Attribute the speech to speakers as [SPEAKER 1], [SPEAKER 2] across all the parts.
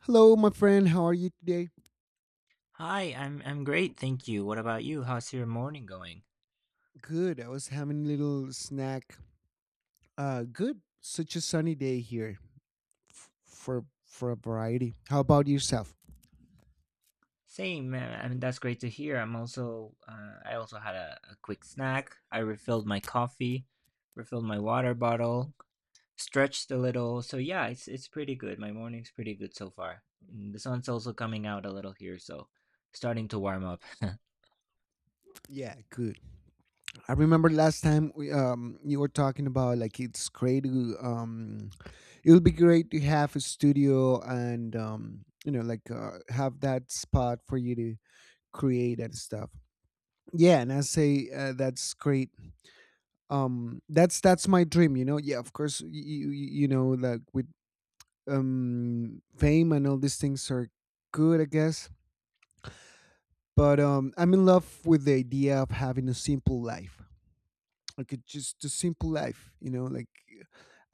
[SPEAKER 1] Hello, my friend. How are you today?
[SPEAKER 2] Hi, I'm great, thank you. What about you? How's your morning going?
[SPEAKER 1] Good. I was having a little snack. Good. Such a sunny day here for a variety. How about yourself?
[SPEAKER 2] Same, I mean that's great to hear. I'm also I also had a quick snack. I refilled my coffee, refilled my water bottle, stretched a little. So yeah, it's pretty good. My morning's pretty good so far. And the sun's also coming out a little here, so starting to warm up.
[SPEAKER 1] Yeah, good. I remember last time we you were talking about like it's great to, it would be great to have a studio and you know like have that spot for you to create and stuff. Yeah, and I say that's great, that's my dream, you know. Yeah, of course you you, you know like with fame and all these things are good, I guess. But I'm in love with the idea of having a simple life, like it's just a simple life, you know. Like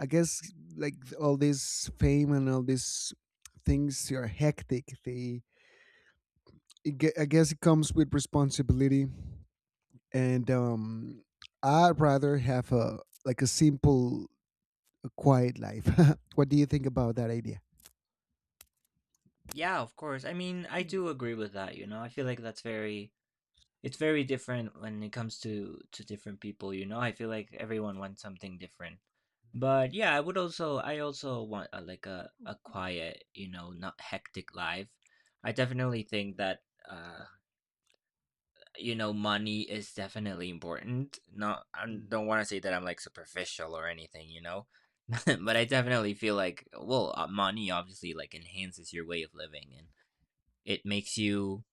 [SPEAKER 1] I guess like all this fame and all these things are hectic. I guess it comes with responsibility, and I'd rather have a like a simple, a quiet life. What do you think about that idea?
[SPEAKER 2] Yeah, of course. I mean, I do agree with that, you know. I feel like that's very. It's very different when it comes to different people, you know? I feel like everyone wants something different. But yeah, I also want like a quiet, you know, not hectic life. I definitely think that uh you know money is definitely important. Not I
[SPEAKER 1] Mhm.
[SPEAKER 2] don't want to say that I'm like superficial or anything, you know. But I definitely feel like well, money obviously like enhances your way of living and it makes you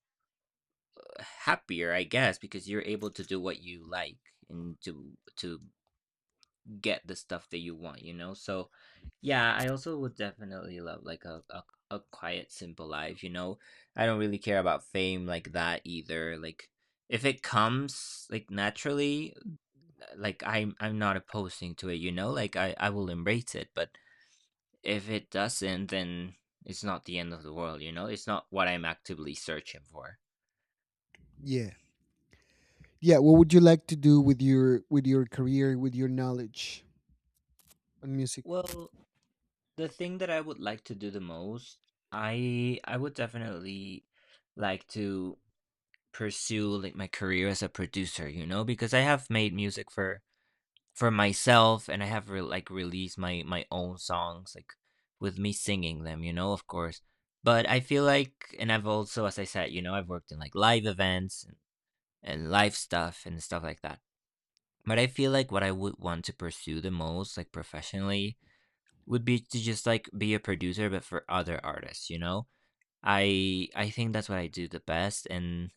[SPEAKER 2] happier, I guess, because you're able to do what you like and to get the stuff that you want, you know? So yeah, I also would definitely love like a a quiet, simple life, you know? I don't really care about fame like that either. Like if it comes like naturally, like I'm not opposing to it, you know? Like I will embrace it. But if it doesn't, then it's not the end of the world, you know? It's not what I'm actively searching for.
[SPEAKER 1] Yeah. Yeah, what would you like to do with your career, with your knowledge on music?
[SPEAKER 2] Well, the thing that I would like to do the most, I would definitely like to pursue like my career as a producer, you know, because I have made music for myself and like released my own songs like with me singing them, you know, of course. But I feel like, and I've also, as I said, you know, I've worked in like live events and live stuff and stuff like that. But I feel like what I would want to pursue the most like professionally would be to just like be a producer but for other artists, you know. I think that's what I do the best. And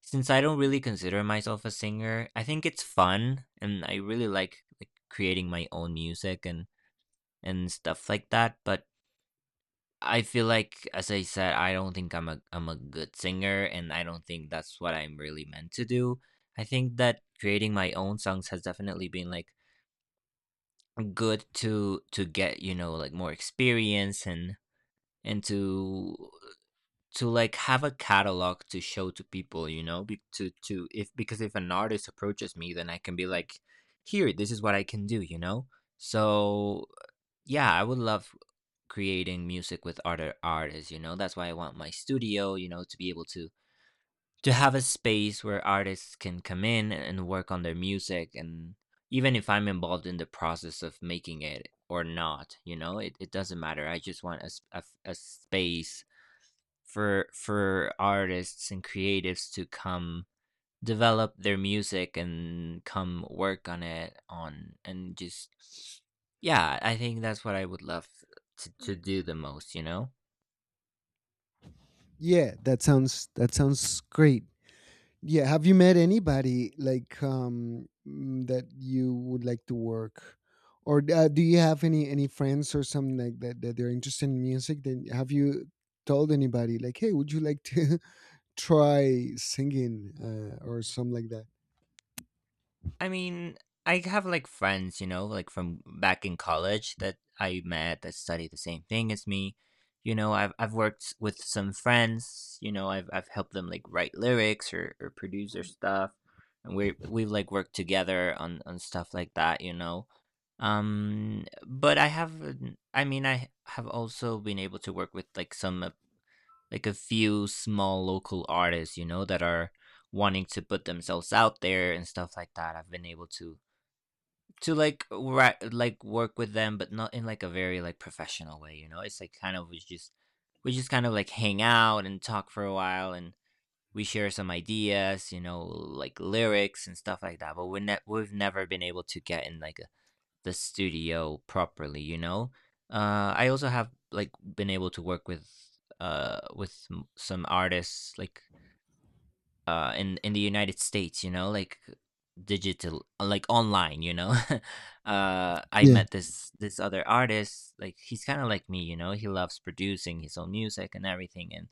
[SPEAKER 2] since I don't really consider myself a singer, I think it's fun and I really like creating my own music and stuff like that. But I feel like, as I said, I don't think I'm a good singer and I don't think that's what I'm really meant to do. I think that creating my own songs has definitely been like good to get, you know, like more experience and to like have a catalog to show to people, you know. To if, because if an artist approaches me, then I can be like, here, this is what I can do, you know? So yeah, I would love creating music with other artists, you know. That's why I want my studio, you know, to be able to have a space where artists can come in and work on their music. And even if I'm involved in the process of making it or not, you know, it doesn't matter. I just want a, s- a f- a space for artists and creatives to come develop their music and come work on it on and just yeah, I think that's what I would love to do the most, you know.
[SPEAKER 1] Yeah, that sounds great. Yeah, have you met anybody like that you would like to work, or do you have any friends or something like that that they're interested in music? Then have you told anybody like, hey, would you like to try singing, or something like that?
[SPEAKER 2] I mean, I have like friends, you know, like from back in college that I met that study the same thing as me. You know, I've worked with some friends, you know. I've helped them like write lyrics or produce their stuff. And we've like worked together on stuff like that, you know. But I mean I have also been able to work with like some like a few small local artists, you know, that are wanting to put themselves out there and stuff like that. I've been able to like work with them, but not in like a very like professional way, you know? It's like kind of we just kind of like hang out and talk for a while. And we share some ideas, you know, like lyrics and stuff like that. But we've never been able to get in like a, the studio properly, you know? I also have like been able to work with some artists like in the United States, you know, like digital like online, you know. Uh, I
[SPEAKER 1] Yeah.
[SPEAKER 2] met this other artist, like he's kind of like me, you know. He loves producing his own music and everything. And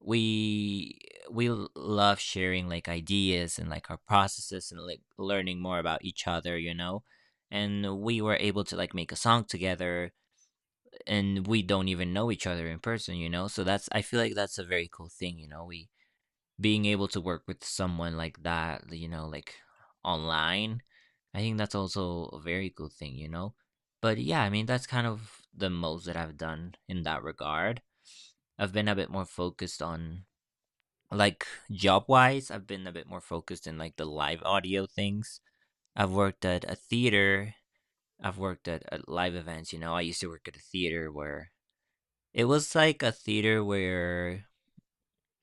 [SPEAKER 2] we we love sharing like ideas and like our processes and like learning more about each other, you know. And we were able to like make a song together, and we don't even know each other in person, you know. So that's, I feel like that's a very cool thing, you know. We being able to work with someone like that, you know, like online, I think that's also a very good thing, you know? But yeah, I mean, that's kind of the most that I've done in that regard. I've been a bit more focused on, like, job wise, I've been a bit more focused in, like, the live audio things. I've worked at a theater, I've worked at live events, you know? I used to work at a theater where it was like a theater where.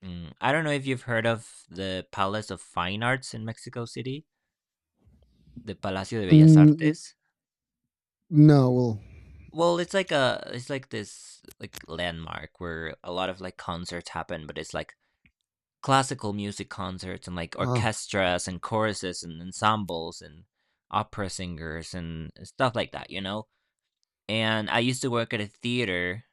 [SPEAKER 2] Mm, I don't know if you've heard of the Palace of Fine Arts in Mexico City, the Palacio de Bellas
[SPEAKER 1] Mm, mm,
[SPEAKER 2] Artes.
[SPEAKER 1] no, well.
[SPEAKER 2] Well, it's like a, it's like this like landmark where a lot of like concerts happen, but it's like classical music concerts and like
[SPEAKER 1] Wow.
[SPEAKER 2] orchestras and choruses and ensembles and opera singers and stuff like that, you know? And I used to work at a theater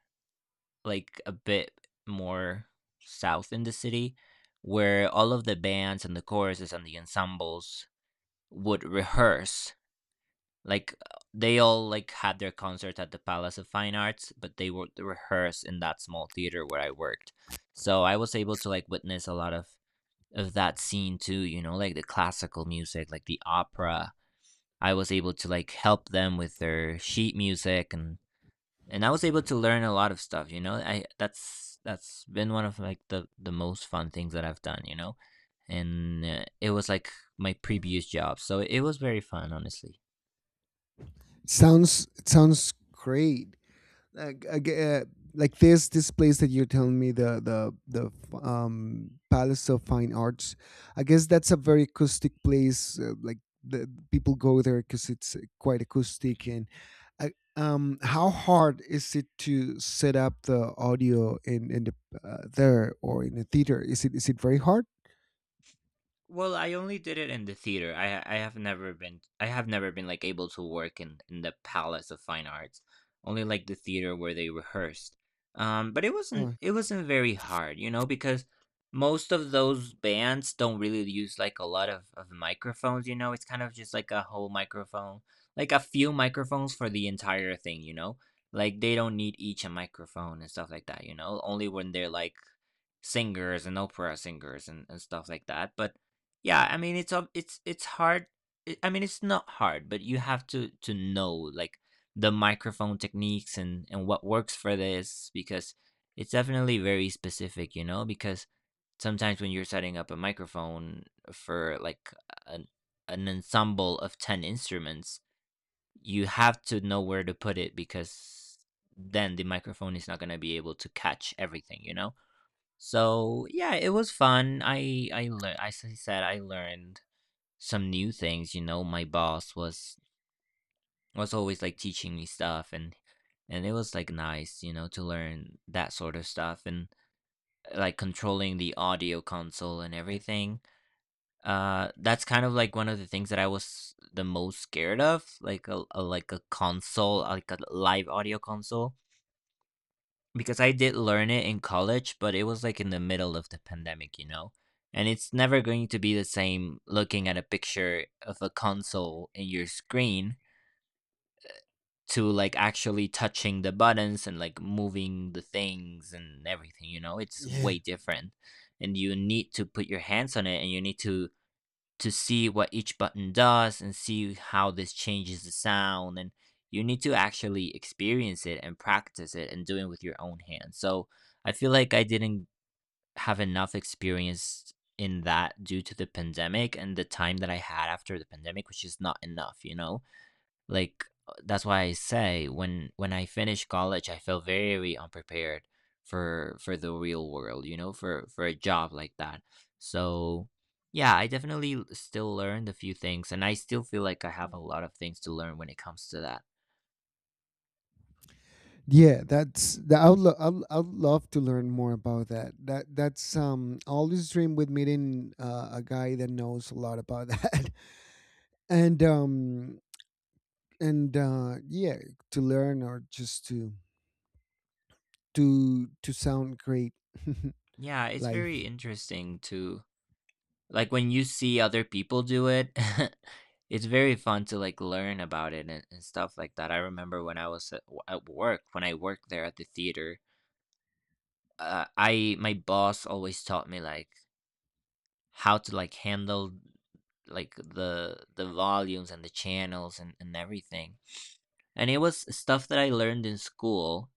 [SPEAKER 2] like a bit more south in the city where all of the bands and the choruses and the ensembles would rehearse, like they all like had their concert at the palace of fine arts, but they would rehearse in that small theater where I worked. So I was able to like witness a lot of that scene too, you know, like the classical music, like the opera. I was able to like help them with their sheet music, and I was able to learn a lot of stuff, you know. I, that's been one of like the most fun things that I've done, you know. And it was like my previous job, so it was very fun, honestly.
[SPEAKER 1] Sounds, it sounds great. Like like this place that you're telling me, the the palace of fine arts, I guess that's a very acoustic place, like the people go there because it's quite acoustic. And how hard is it to set up the audio in the there or in the theater? Is it, is it very hard?
[SPEAKER 2] Well, I only did it in the theater. I have never been like able to work in the Palace of Fine Arts. Only like the theater where they rehearsed. But
[SPEAKER 1] Yeah.
[SPEAKER 2] it wasn't very hard, you know, because most of those bands don't really use like a lot of microphones, you know. It's kind of just like a whole microphone, like a few microphones for the entire thing, you know. Like they don't need each a microphone and stuff like that, you know. Only when they're like singers and opera singers and stuff like that. But yeah, I mean it's hard. I mean it's not hard, but you have to know like the microphone techniques and what works for this, because it's definitely very specific, you know, because sometimes when you're setting up a microphone for like an an ensemble of 10 instruments, you have to know where to put it, because then the microphone is not going to be able to catch everything, you know? So yeah, it was fun. I learned. As I said, I learned some new things, you know. My boss was always like teaching me stuff, and it was like nice, you know, to learn that sort of stuff and like controlling the audio console and everything. Uh, that's kind of like one of the things that I was the most scared of, like a like a console, like a live audio console, because I did learn it in college, but it was like in the middle of the pandemic, you know. And it's never going to be the same looking at a picture of a console in your screen to like actually touching the buttons and like moving the things and everything, you know, it's
[SPEAKER 1] Yeah.
[SPEAKER 2] way different. And you need to put your hands on it, and you need to see what each button does and see how this changes the sound. And you need to actually experience it and practice it and do it with your own hands. So I feel like I didn't have enough experience in that due to the pandemic and the time that I had after the pandemic, which is not enough, you know. Like that's why I say when I finished college, I felt very unprepared for the real world, you know, for a job like that. So yeah, I definitely still learned a few things, and I still feel like I have a lot of things to learn when it comes to that.
[SPEAKER 1] Yeah, that's that. I'd love to learn more about that. That's always dream with meeting a guy that knows a lot about that, and um and yeah, to learn, or just to sound great.
[SPEAKER 2] Yeah, it's very
[SPEAKER 1] Life.
[SPEAKER 2] interesting to like when you see other people do it. It's very fun to like learn about it and stuff like that. I remember when I was at, at work, when I worked there at the theater, I my boss always taught me like how to like handle like the volumes and the channels and everything. And it was stuff that I learned in school,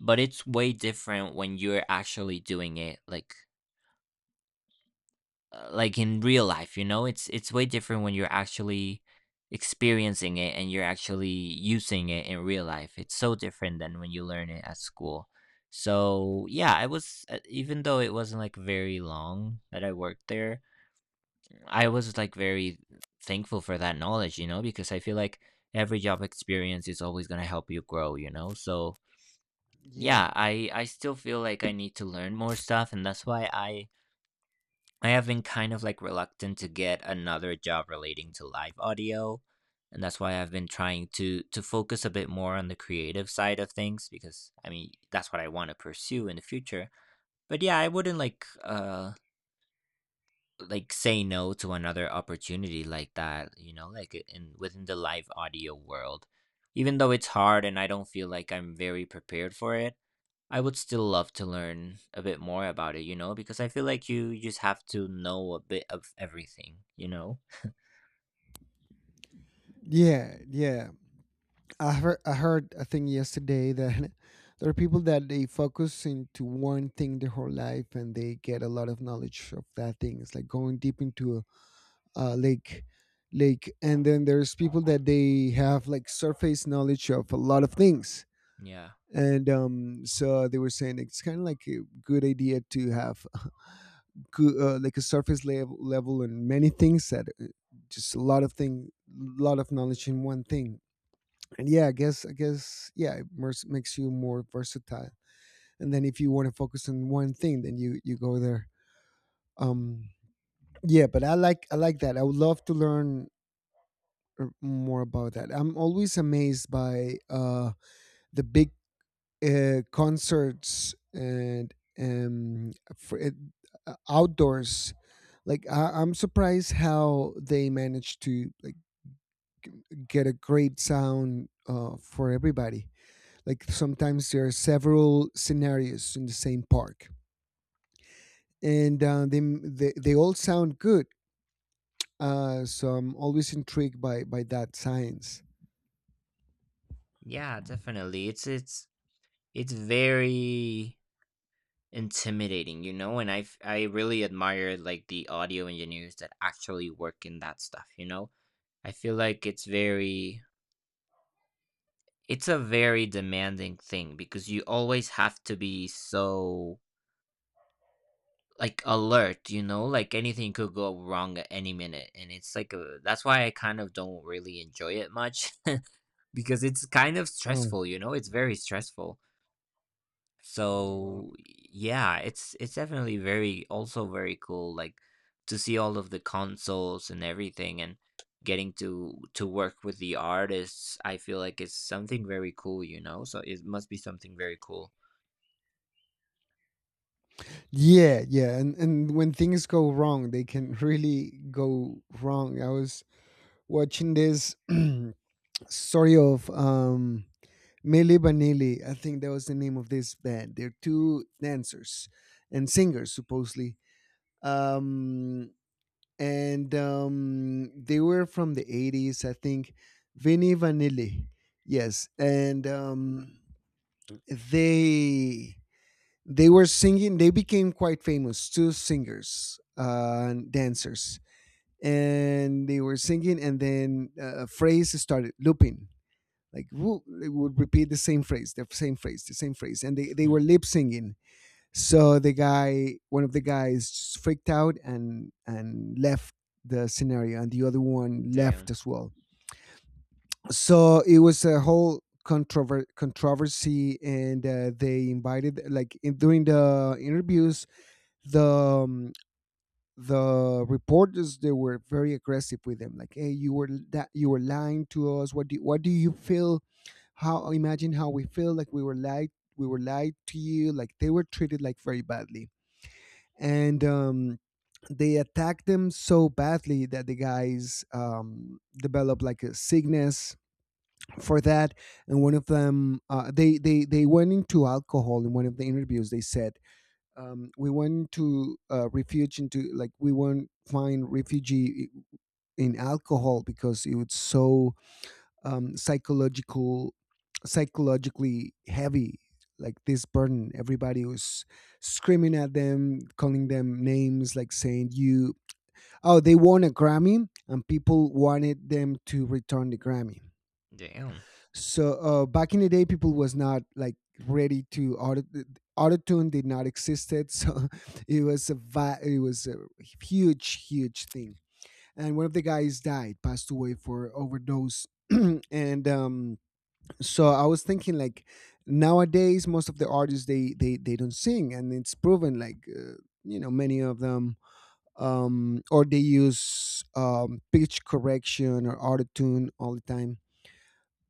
[SPEAKER 2] but it's way different when you're actually doing it like in real life, you know? It's way different when you're actually experiencing it and you're actually using it in real life. It's so different than when you learn it at school. So yeah, I was even though it wasn't like very long that I worked there, I was like very thankful for that knowledge, you know, because I feel like every job experience is always going to help you grow, you know? So
[SPEAKER 1] Yeah,
[SPEAKER 2] yeah, I still feel like I need to learn more stuff, and that's why I have been kind of like reluctant to get another job relating to live audio, and that's why I've been trying to focus a bit more on the creative side of things, because I mean that's what I want to pursue in the future. But yeah, I wouldn't like say no to another opportunity like that, you know, like in within the live audio world. Even though it's hard and I don't feel like I'm very prepared for it, I would still love to learn a bit more about it, you know, because I feel like you just have to know a bit of everything, you know?
[SPEAKER 1] yeah, yeah. I heard a thing yesterday that there are people that they focus into one thing their whole life and they get a lot of knowledge of that thing. It's like going deep into a, a lake, lake. And then there's people that they have like surface knowledge of a lot of things.
[SPEAKER 2] Yeah.
[SPEAKER 1] And so they were saying it's kind of like a good idea to have a good, like a surface level and many things, that just a lot of thing, lot of knowledge in one thing. And yeah, I guess, I guess, yeah, it makes you more versatile. And then if you want to focus on one thing, then you go there. Um, yeah, but I like, I like that. I would love to learn more about that. I'm always amazed by the big concerts and for it, outdoors. Like I'm surprised how they manage to like g- get a great sound for everybody, like sometimes there are several scenarios in the same park and they all sound good. So I'm always intrigued by that science.
[SPEAKER 2] Yeah, definitely. It's it's very intimidating, you know, and I really admire like the audio engineers that actually work in that stuff, you know? I feel like it's very it's a very demanding thing because you always have to be so like alert, you know, like anything could go wrong at any minute. And it's like a, that's why I kind of don't really enjoy it much because it's kind of
[SPEAKER 1] Oh.
[SPEAKER 2] stressful, you know, it's very stressful.
[SPEAKER 1] Oh, wow.
[SPEAKER 2] So yeah, it's definitely very also very cool like to see all of the consoles and everything and getting to work with the artists. I feel like it's something very cool, you know. So it must be something very cool.
[SPEAKER 1] Yeah, yeah. And when things go wrong, they can really go wrong. I was watching this story of Milli Vanilli. I think that was the name of this band. They're two dancers and singers supposedly. Um and they were from the 80s, I think. Vinny Vanilli. Yes. And they they were singing, they became quite famous, two singers and dancers. And they were singing and then a phrase started looping, like woo, they would repeat the same phrase, the same phrase, the same phrase, and they were
[SPEAKER 2] Hmm.
[SPEAKER 1] lip singing. So the guy, one of the guys, just freaked out and left the scenario, and the other one left
[SPEAKER 2] Damn.
[SPEAKER 1] as well. So it was a whole controversy, and they invited like during the interviews, the um, the reporters, they were very aggressive with them like, hey, you were, that you were lying to us, what do, what do you feel, how, imagine how we feel, like we were lied, we were lied to, you like. They were treated like very badly, and they attacked them so badly that the guys developed like a sickness for that. And one of them, they went into alcohol. In one of the interviews they said, we went to refuge into, like we won't find refugee in alcohol, because it was so um, psychological psychologically heavy, like this burden, everybody was screaming at them, calling them names, like saying you. Oh, they won a Grammy and people wanted them to return the Grammy.
[SPEAKER 2] Damn.
[SPEAKER 1] So back in the day people was not like ready to autotune did not existed, so it was a it was a huge, huge thing. And one of the guys died, passed away for overdose. And so I was thinking like, nowadays most of the artists they don't sing, and it's proven like you know, many of them, or they use pitch correction or autotune all the time.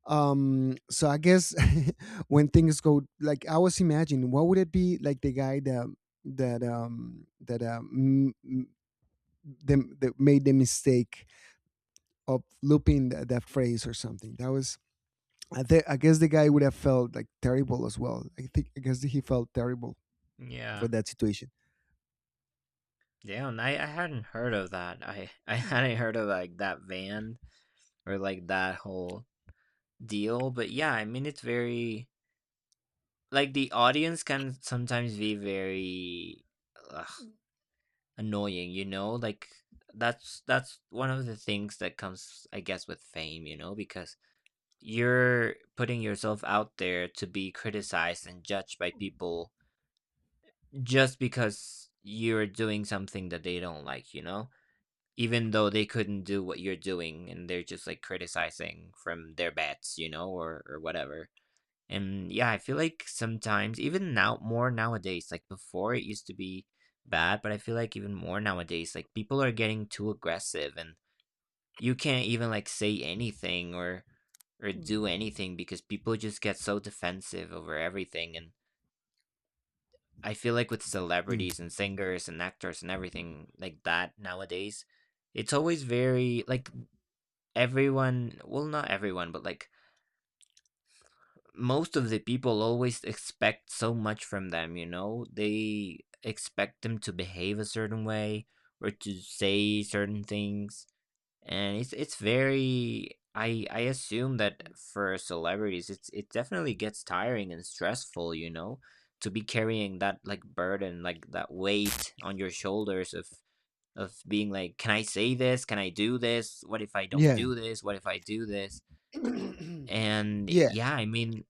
[SPEAKER 1] So I guess, when things go like, I was imagining what would it be like the guy that that them that made the mistake of looping that phrase or something. That was, I guess the guy would have felt like terrible as well. I think, I guess he felt terrible for
[SPEAKER 2] Yeah.
[SPEAKER 1] that situation.
[SPEAKER 2] Damn, I hadn't heard of that. I, I hadn't heard of like that van or like that whole deal. But yeah, I mean, it's very like the audience can sometimes be very ugh, annoying, you know? Like that's one of the things that comes, I guess, with fame, you know, because you're putting yourself out there to be criticized and judged by people just because you're doing something that they don't like, you know? Even though they couldn't do what you're doing and they're just like criticizing from their bets, you know, or whatever. And yeah, I feel like sometimes even now more nowadays, like before it used to be bad, but I feel like even more nowadays, like people are getting too aggressive and you can't even like say anything or do anything because people just get so defensive over everything. And I feel like with
[SPEAKER 1] Yeah.
[SPEAKER 2] celebrities and singers and actors and everything like that nowadays, it's always very like everyone, well, not everyone but like most of the people always expect so much from them, you know, they expect them to behave a certain way or to say certain things. And it's very I assume that for celebrities it's it definitely gets tiring and stressful, you know, to be carrying that like burden like that weight on your shoulders of being like, can I say this, can I do this, what if I don't
[SPEAKER 1] Yeah.
[SPEAKER 2] do this, what if I do this? And
[SPEAKER 1] Yeah.
[SPEAKER 2] yeah, I mean,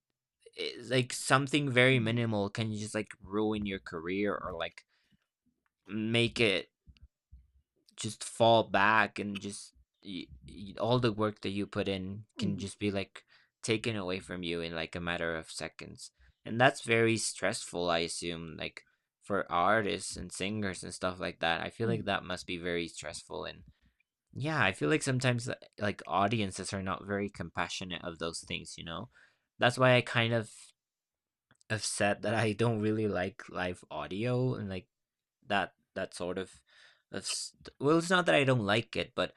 [SPEAKER 2] it's like something very minimal can just like ruin your career or like make it just fall back and just y y all the work that you put in can just be like taken away from you in like a matter of seconds. And that's very stressful, I assume, like for artists and singers and stuff like that. I feel like that must be very stressful. And yeah, I feel like sometimes like audiences are not very compassionate of those things, you know? That's why I kind of have said that I don't really like live audio and like that that sort of st- well, it's not that I don't like it, but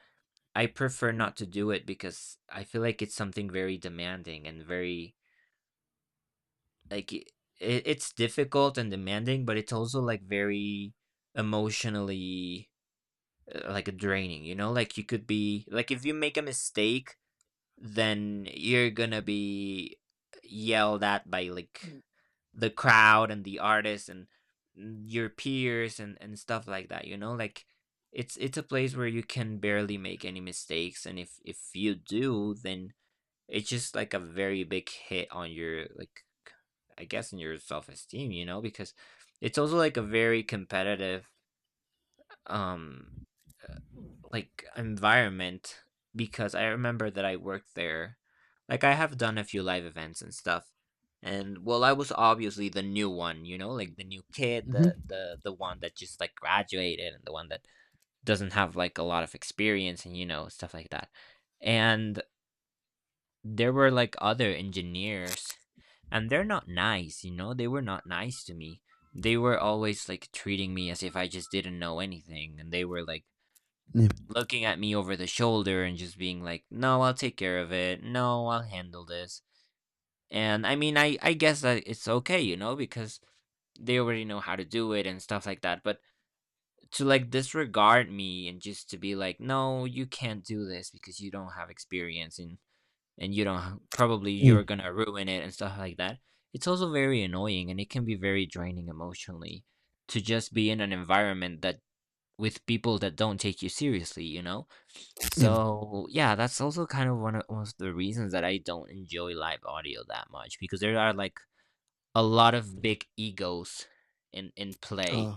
[SPEAKER 2] I prefer not to do it because I feel like it's something very demanding and very like it, it's difficult and demanding, but it's also like very emotionally like draining, you know? Like you could be like if you make a mistake, then you're gonna be yelled at by like the crowd and the artists and mm, your peers and stuff like that, you know? Like it's a place where you can barely make any mistakes and if you do then it's just like a very big hit on your like I guess in your self-esteem, you know, because it's also like a very competitive um like environment. Because I remember that I worked there. Like, I have done a few live events and stuff. And well, I was obviously the new one, you know, like the new kid, the
[SPEAKER 1] Hmm.
[SPEAKER 2] the the one that just like graduated and the one that doesn't have like a lot of experience and you know, stuff like that. And there were like other engineers and they're not nice, you know? They were not nice to me. They were always like treating me as if I just didn't know anything and they were like
[SPEAKER 1] Yeah,
[SPEAKER 2] looking at me over the shoulder and just being like, "No, I'll take care of it. No, I'll handle this." And I mean, I guess that it's okay, you know, because they already know how to do it and stuff like that. But to like disregard me and just to be like, "No, you can't do this because you don't have experience and you don't probably
[SPEAKER 1] yeah,
[SPEAKER 2] you're going to ruin it and stuff like that." It's also very annoying and it can be very draining emotionally to just be in an environment that with people that don't take you seriously, you know?
[SPEAKER 1] yeah.
[SPEAKER 2] So yeah, that's also kind of one of, one of the reasons that I don't enjoy live audio that much because there are like a lot of big egos in play.
[SPEAKER 1] uh,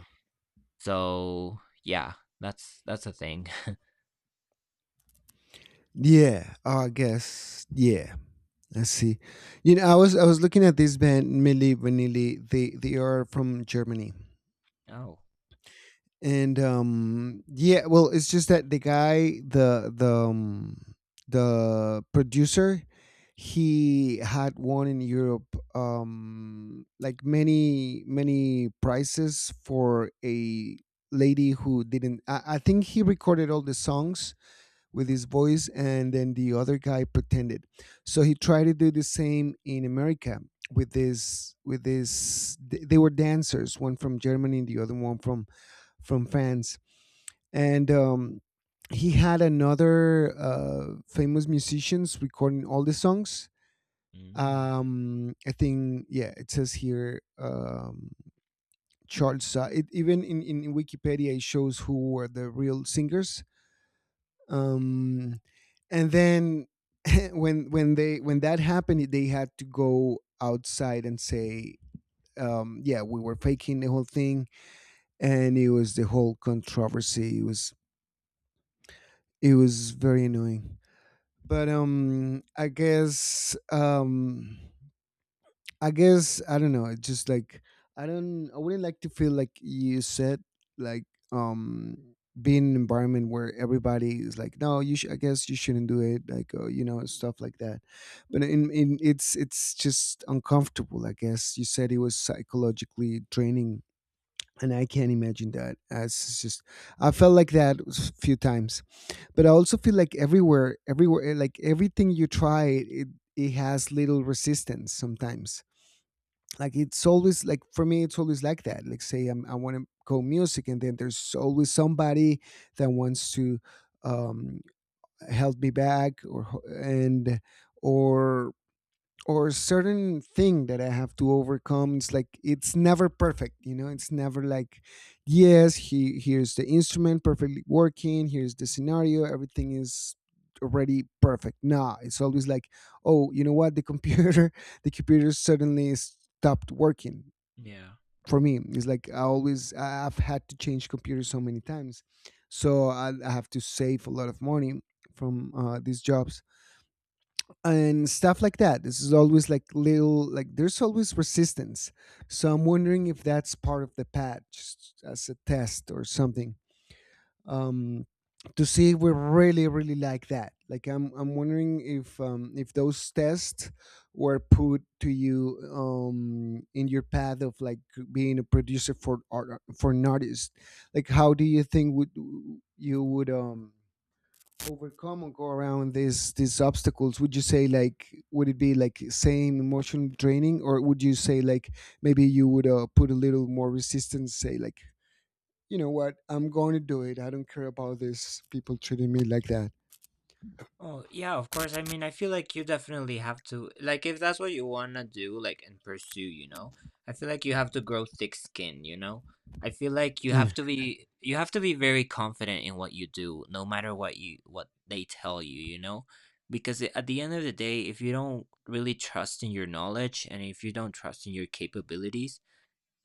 [SPEAKER 2] So yeah, that's a thing.
[SPEAKER 1] Yeah, I guess. Yeah, I see. You know, I was looking at this band Milli Vanilli. They are from Germany,
[SPEAKER 2] Oh,
[SPEAKER 1] and yeah. Well, it's just that the guy, the producer, he had won in Europe, like many, many prizes for a lady who didn't. I think he recorded all the songs with his voice, and then the other guy pretended. So he tried to do the same in America with this, they were dancers, one from Germany and the other one from France. And he had another famous musicians recording all the songs.
[SPEAKER 2] mm,
[SPEAKER 1] I think, yeah, it says here, Charles it, even in Wikipedia, it shows who were the real singers. um and then, when they, when that happened, they had to go outside and say, yeah, we were faking the whole thing. And it was the whole controversy. It was, it was very annoying. But I guess, I guess I don't know. It's just like, I don't. I wouldn't like to feel like, you said like, um being in an environment where everybody is like, no, you. I guess you shouldn't do it. Like you know, stuff like that. But in it's just uncomfortable. I guess you said it was psychologically draining. And I can't imagine that. As it's just, I felt like that a few times, but I also feel like everywhere, like everything you try, it has little resistance sometimes, like it's always like for me it's always like that. Like say I'm, I want to go music, and then there's always somebody that wants to um held me back, or and or or certain thing that I have to overcome. It's like it's never perfect, you know. It's never like, yes, he, here's the instrument perfectly working, here's the scenario, everything is already perfect. Nah, it's always like, oh, you know what, the computer the computer suddenly stopped working.
[SPEAKER 2] yeah.
[SPEAKER 1] For me it's like, I've had to change computers so many times, so I have to save a lot of money from these jobs and stuff like that. This is always like little, like there's always resistance. So I'm wondering if that's part of the patch, just as a test or something, um, to see if we really, really like that. Like I'm wondering if those tests were put to you in your path of like being a producer for art, for an artist. Like how do you think would you would, overcome or go around these obstacles? Would you say like, would it be like same emotional draining, or would you say like maybe you would put a little more resistance, say like, you know what? I'm going to do it. I don't care about this people treating me like that.
[SPEAKER 2] Oh, yeah, of course. I mean, I feel like you definitely have to, like, if that's what you want to do, like, and pursue, you know, I feel like you have to grow thick skin, you know? I feel like you
[SPEAKER 1] Yeah.
[SPEAKER 2] have to be, you have to be very confident in what you do, no matter what you, what they tell you, you know? Because at the end of the day, if you don't really trust in your knowledge and if you don't trust in your capabilities,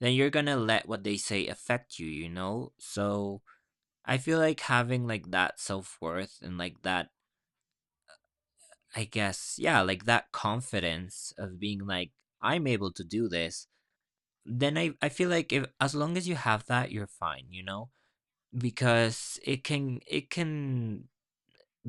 [SPEAKER 2] then you're gonna let what they say affect you, you know? So I feel like having like that self worth and like that I guess, yeah, like that confidence of being like, I'm able to do this, then I feel like if as long as you have that, you're fine, you know? Because it can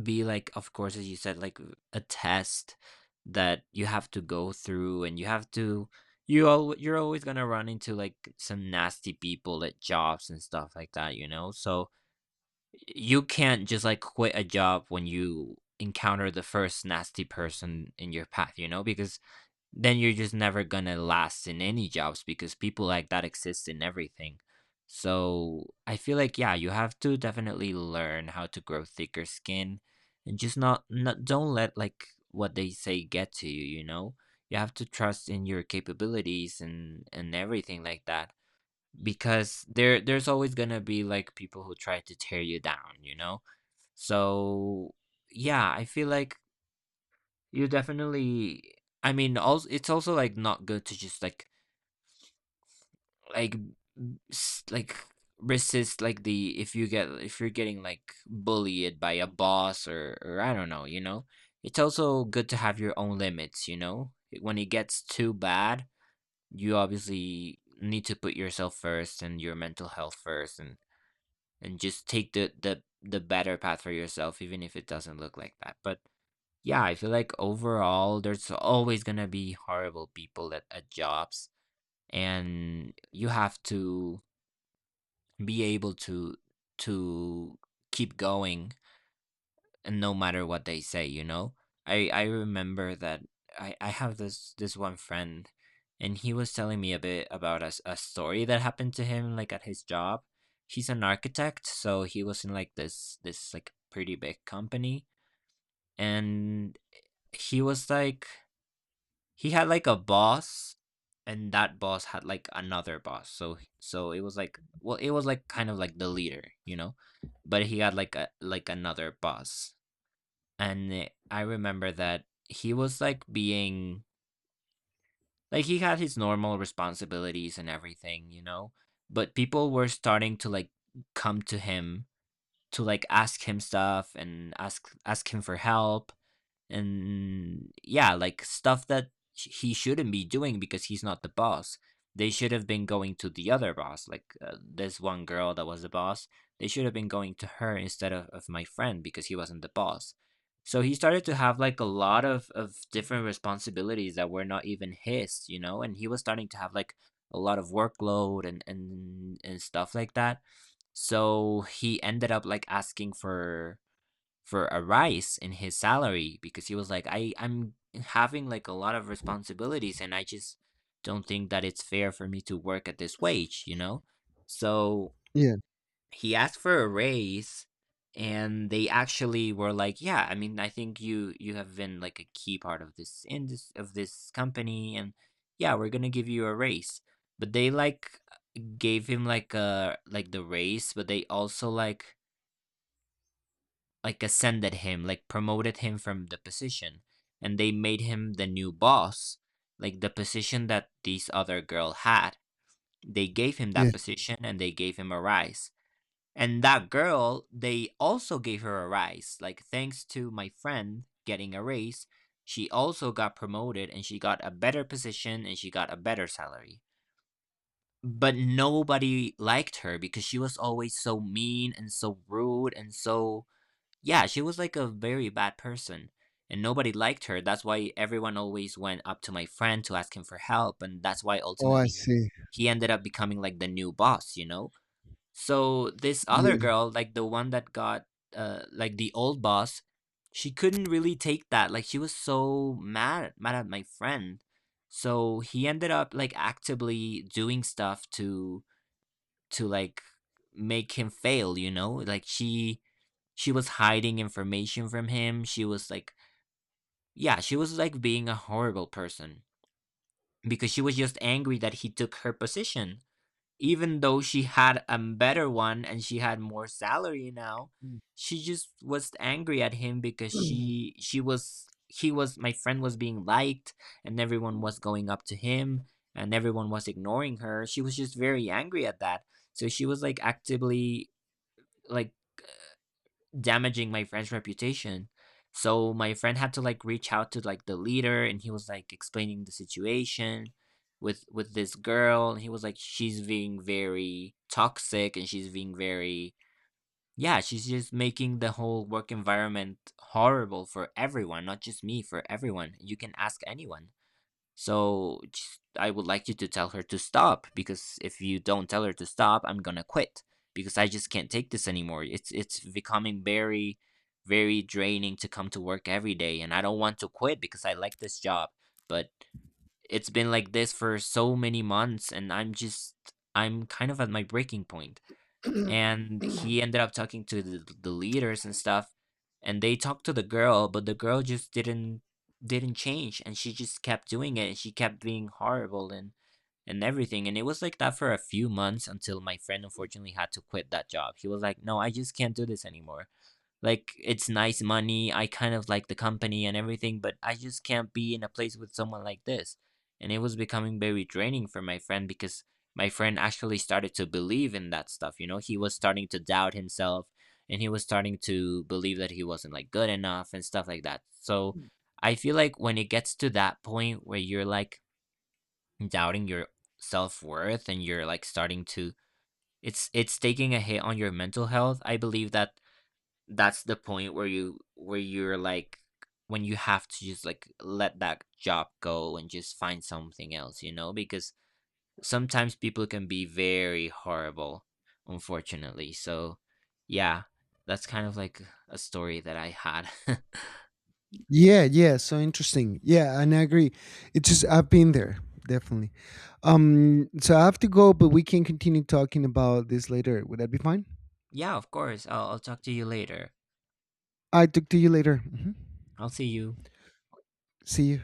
[SPEAKER 2] be like, of course, as you said, like a test that you have to go through and you have to you all you're always gonna run into like some nasty people at jobs and stuff like that, you know? So you can't just like quit a job when you encounter the first nasty person in your path, you know, because then you're just never gonna last in any jobs because people like that exist in everything. So I feel like yeah, you have to definitely learn how to grow thicker skin and just not not don't let like what they say get to you, you know? You have to trust in your capabilities and everything like that because there's always gonna be like people who try to tear you down, you know? So yeah, I feel like you definitely also it's also like not good to just like like resist like the if you get if you're getting like bullied by a boss or I don't know, you know? It's also good to have your own limits, you know? When it gets too bad, you obviously need to put yourself first and your mental health first and just take the better path for yourself even if it doesn't look like that but yeah, I feel like overall there's always going to be horrible people at jobs, and you have to be able to keep going and no matter what they say, you know? I remember that I have this one friend, and he was telling me a bit about a story that happened to him like at his job. He's an architect, so he was in like this like pretty big company, and he was like he had like a boss, and that boss had like another boss. So it was like, well, it was like kind of like the leader, you know? But he had like a like another boss, and I remember that he was like being like he had his normal responsibilities and everything, you know, but people were starting to like come to him to like ask him stuff and ask him for help, and yeah, like stuff that he shouldn't be doing because he's not the boss. They should have been going to the other boss, like this one girl that was the boss. They should have been going to her instead of my friend because he wasn't the boss. So he started to have like a lot of different responsibilities that were not even his, you know, and he was starting to have like a lot of workload and stuff like that. So he ended up like asking for a rise in his salary because he was like, I'm having like a lot of responsibilities, and I just don't think that it's fair for me to work at this wage, you know? So
[SPEAKER 1] Yeah.
[SPEAKER 2] he asked for a raise, and they actually were like, "Yeah, I mean, I think you you have been like a key part of this indus of this company, and yeah, we're going to give you a raise." But they like gave him like a like the raise, but they also like ascended him, like promoted him from the position, and they made him the new boss, like the position that this other girl had. They gave him
[SPEAKER 1] Yeah.
[SPEAKER 2] that position and they gave him a rise. And that girl, they also gave her a rise. Like thanks to my friend getting a raise, she also got promoted and she got a better position and she got a better salary. But nobody liked her because she was always so mean and so rude and so yeah, she was like a very bad person, and nobody liked her. That's why everyone always went up to my friend to ask him for help, and that's why
[SPEAKER 1] Oh, I
[SPEAKER 2] ultimately
[SPEAKER 1] see.
[SPEAKER 2] he ended up becoming like the new boss, you know? So this other
[SPEAKER 1] Yeah.
[SPEAKER 2] girl, like the one that got like the old boss, she couldn't really take that. Like she was so mad at my friend. So he ended up like actively doing stuff to like make him fail, you know? Like she was hiding information from him. She was like, yeah, she was like being a horrible person because she was just angry that he took her position. Even though she had a better one and she had more salary now, she just was angry at him because
[SPEAKER 1] Mm.
[SPEAKER 2] she was he was my friend was being liked, and everyone was going up to him and everyone was ignoring her. She was just very angry at that. So she was like actively like damaging my friend's reputation. So my friend had to like reach out to like the leader, and he was like explaining the situation with this girl, and he was like, she's being very toxic and she's being very yeah, she's just making the whole work environment horrible for everyone, not just me, for everyone. You can ask anyone. So just, I would like you to tell her to stop because if you don't tell her to stop, I'm gonna quit because I just can't take this anymore. It's becoming very, very draining to come to work every day, and I don't want to quit because I like this job, but it's been like this for so many months, and I'm just I'm kind of at my breaking point. And he ended up talking to the leaders and stuff, and they talked to the girl, but the girl just didn't change, and she just kept doing it, and she kept being horrible and everything, and it was like that for a few months until my friend unfortunately had to quit that job. He was like, no, I just can't do this anymore. Like, it's nice money. I kind of like the company and everything, but I just can't be in a place with someone like this. And it was becoming very draining for my friend because my friend actually started to believe in that stuff, you know? He was starting to doubt himself, and he was starting to believe that he wasn't like good enough and stuff like that. So I feel like when it gets to that point where you're like doubting your self-worth, and you're like starting to it's taking a hit on your mental health. I believe that that's the point where you where you're like when you have to just like let that job go and just find something else, you know, because sometimes people can be very horrible, unfortunately. So, yeah, that's kind of like a story that I had.
[SPEAKER 1] Yeah, yeah, so interesting. Yeah, and I agree. It's just I've been there, definitely. So I have to go, but we can continue talking about this later. Would that be fine?
[SPEAKER 2] Yeah, of course. I'll talk to you later.
[SPEAKER 1] I talk to you later. Mhm.
[SPEAKER 2] I'll see you.
[SPEAKER 1] See you.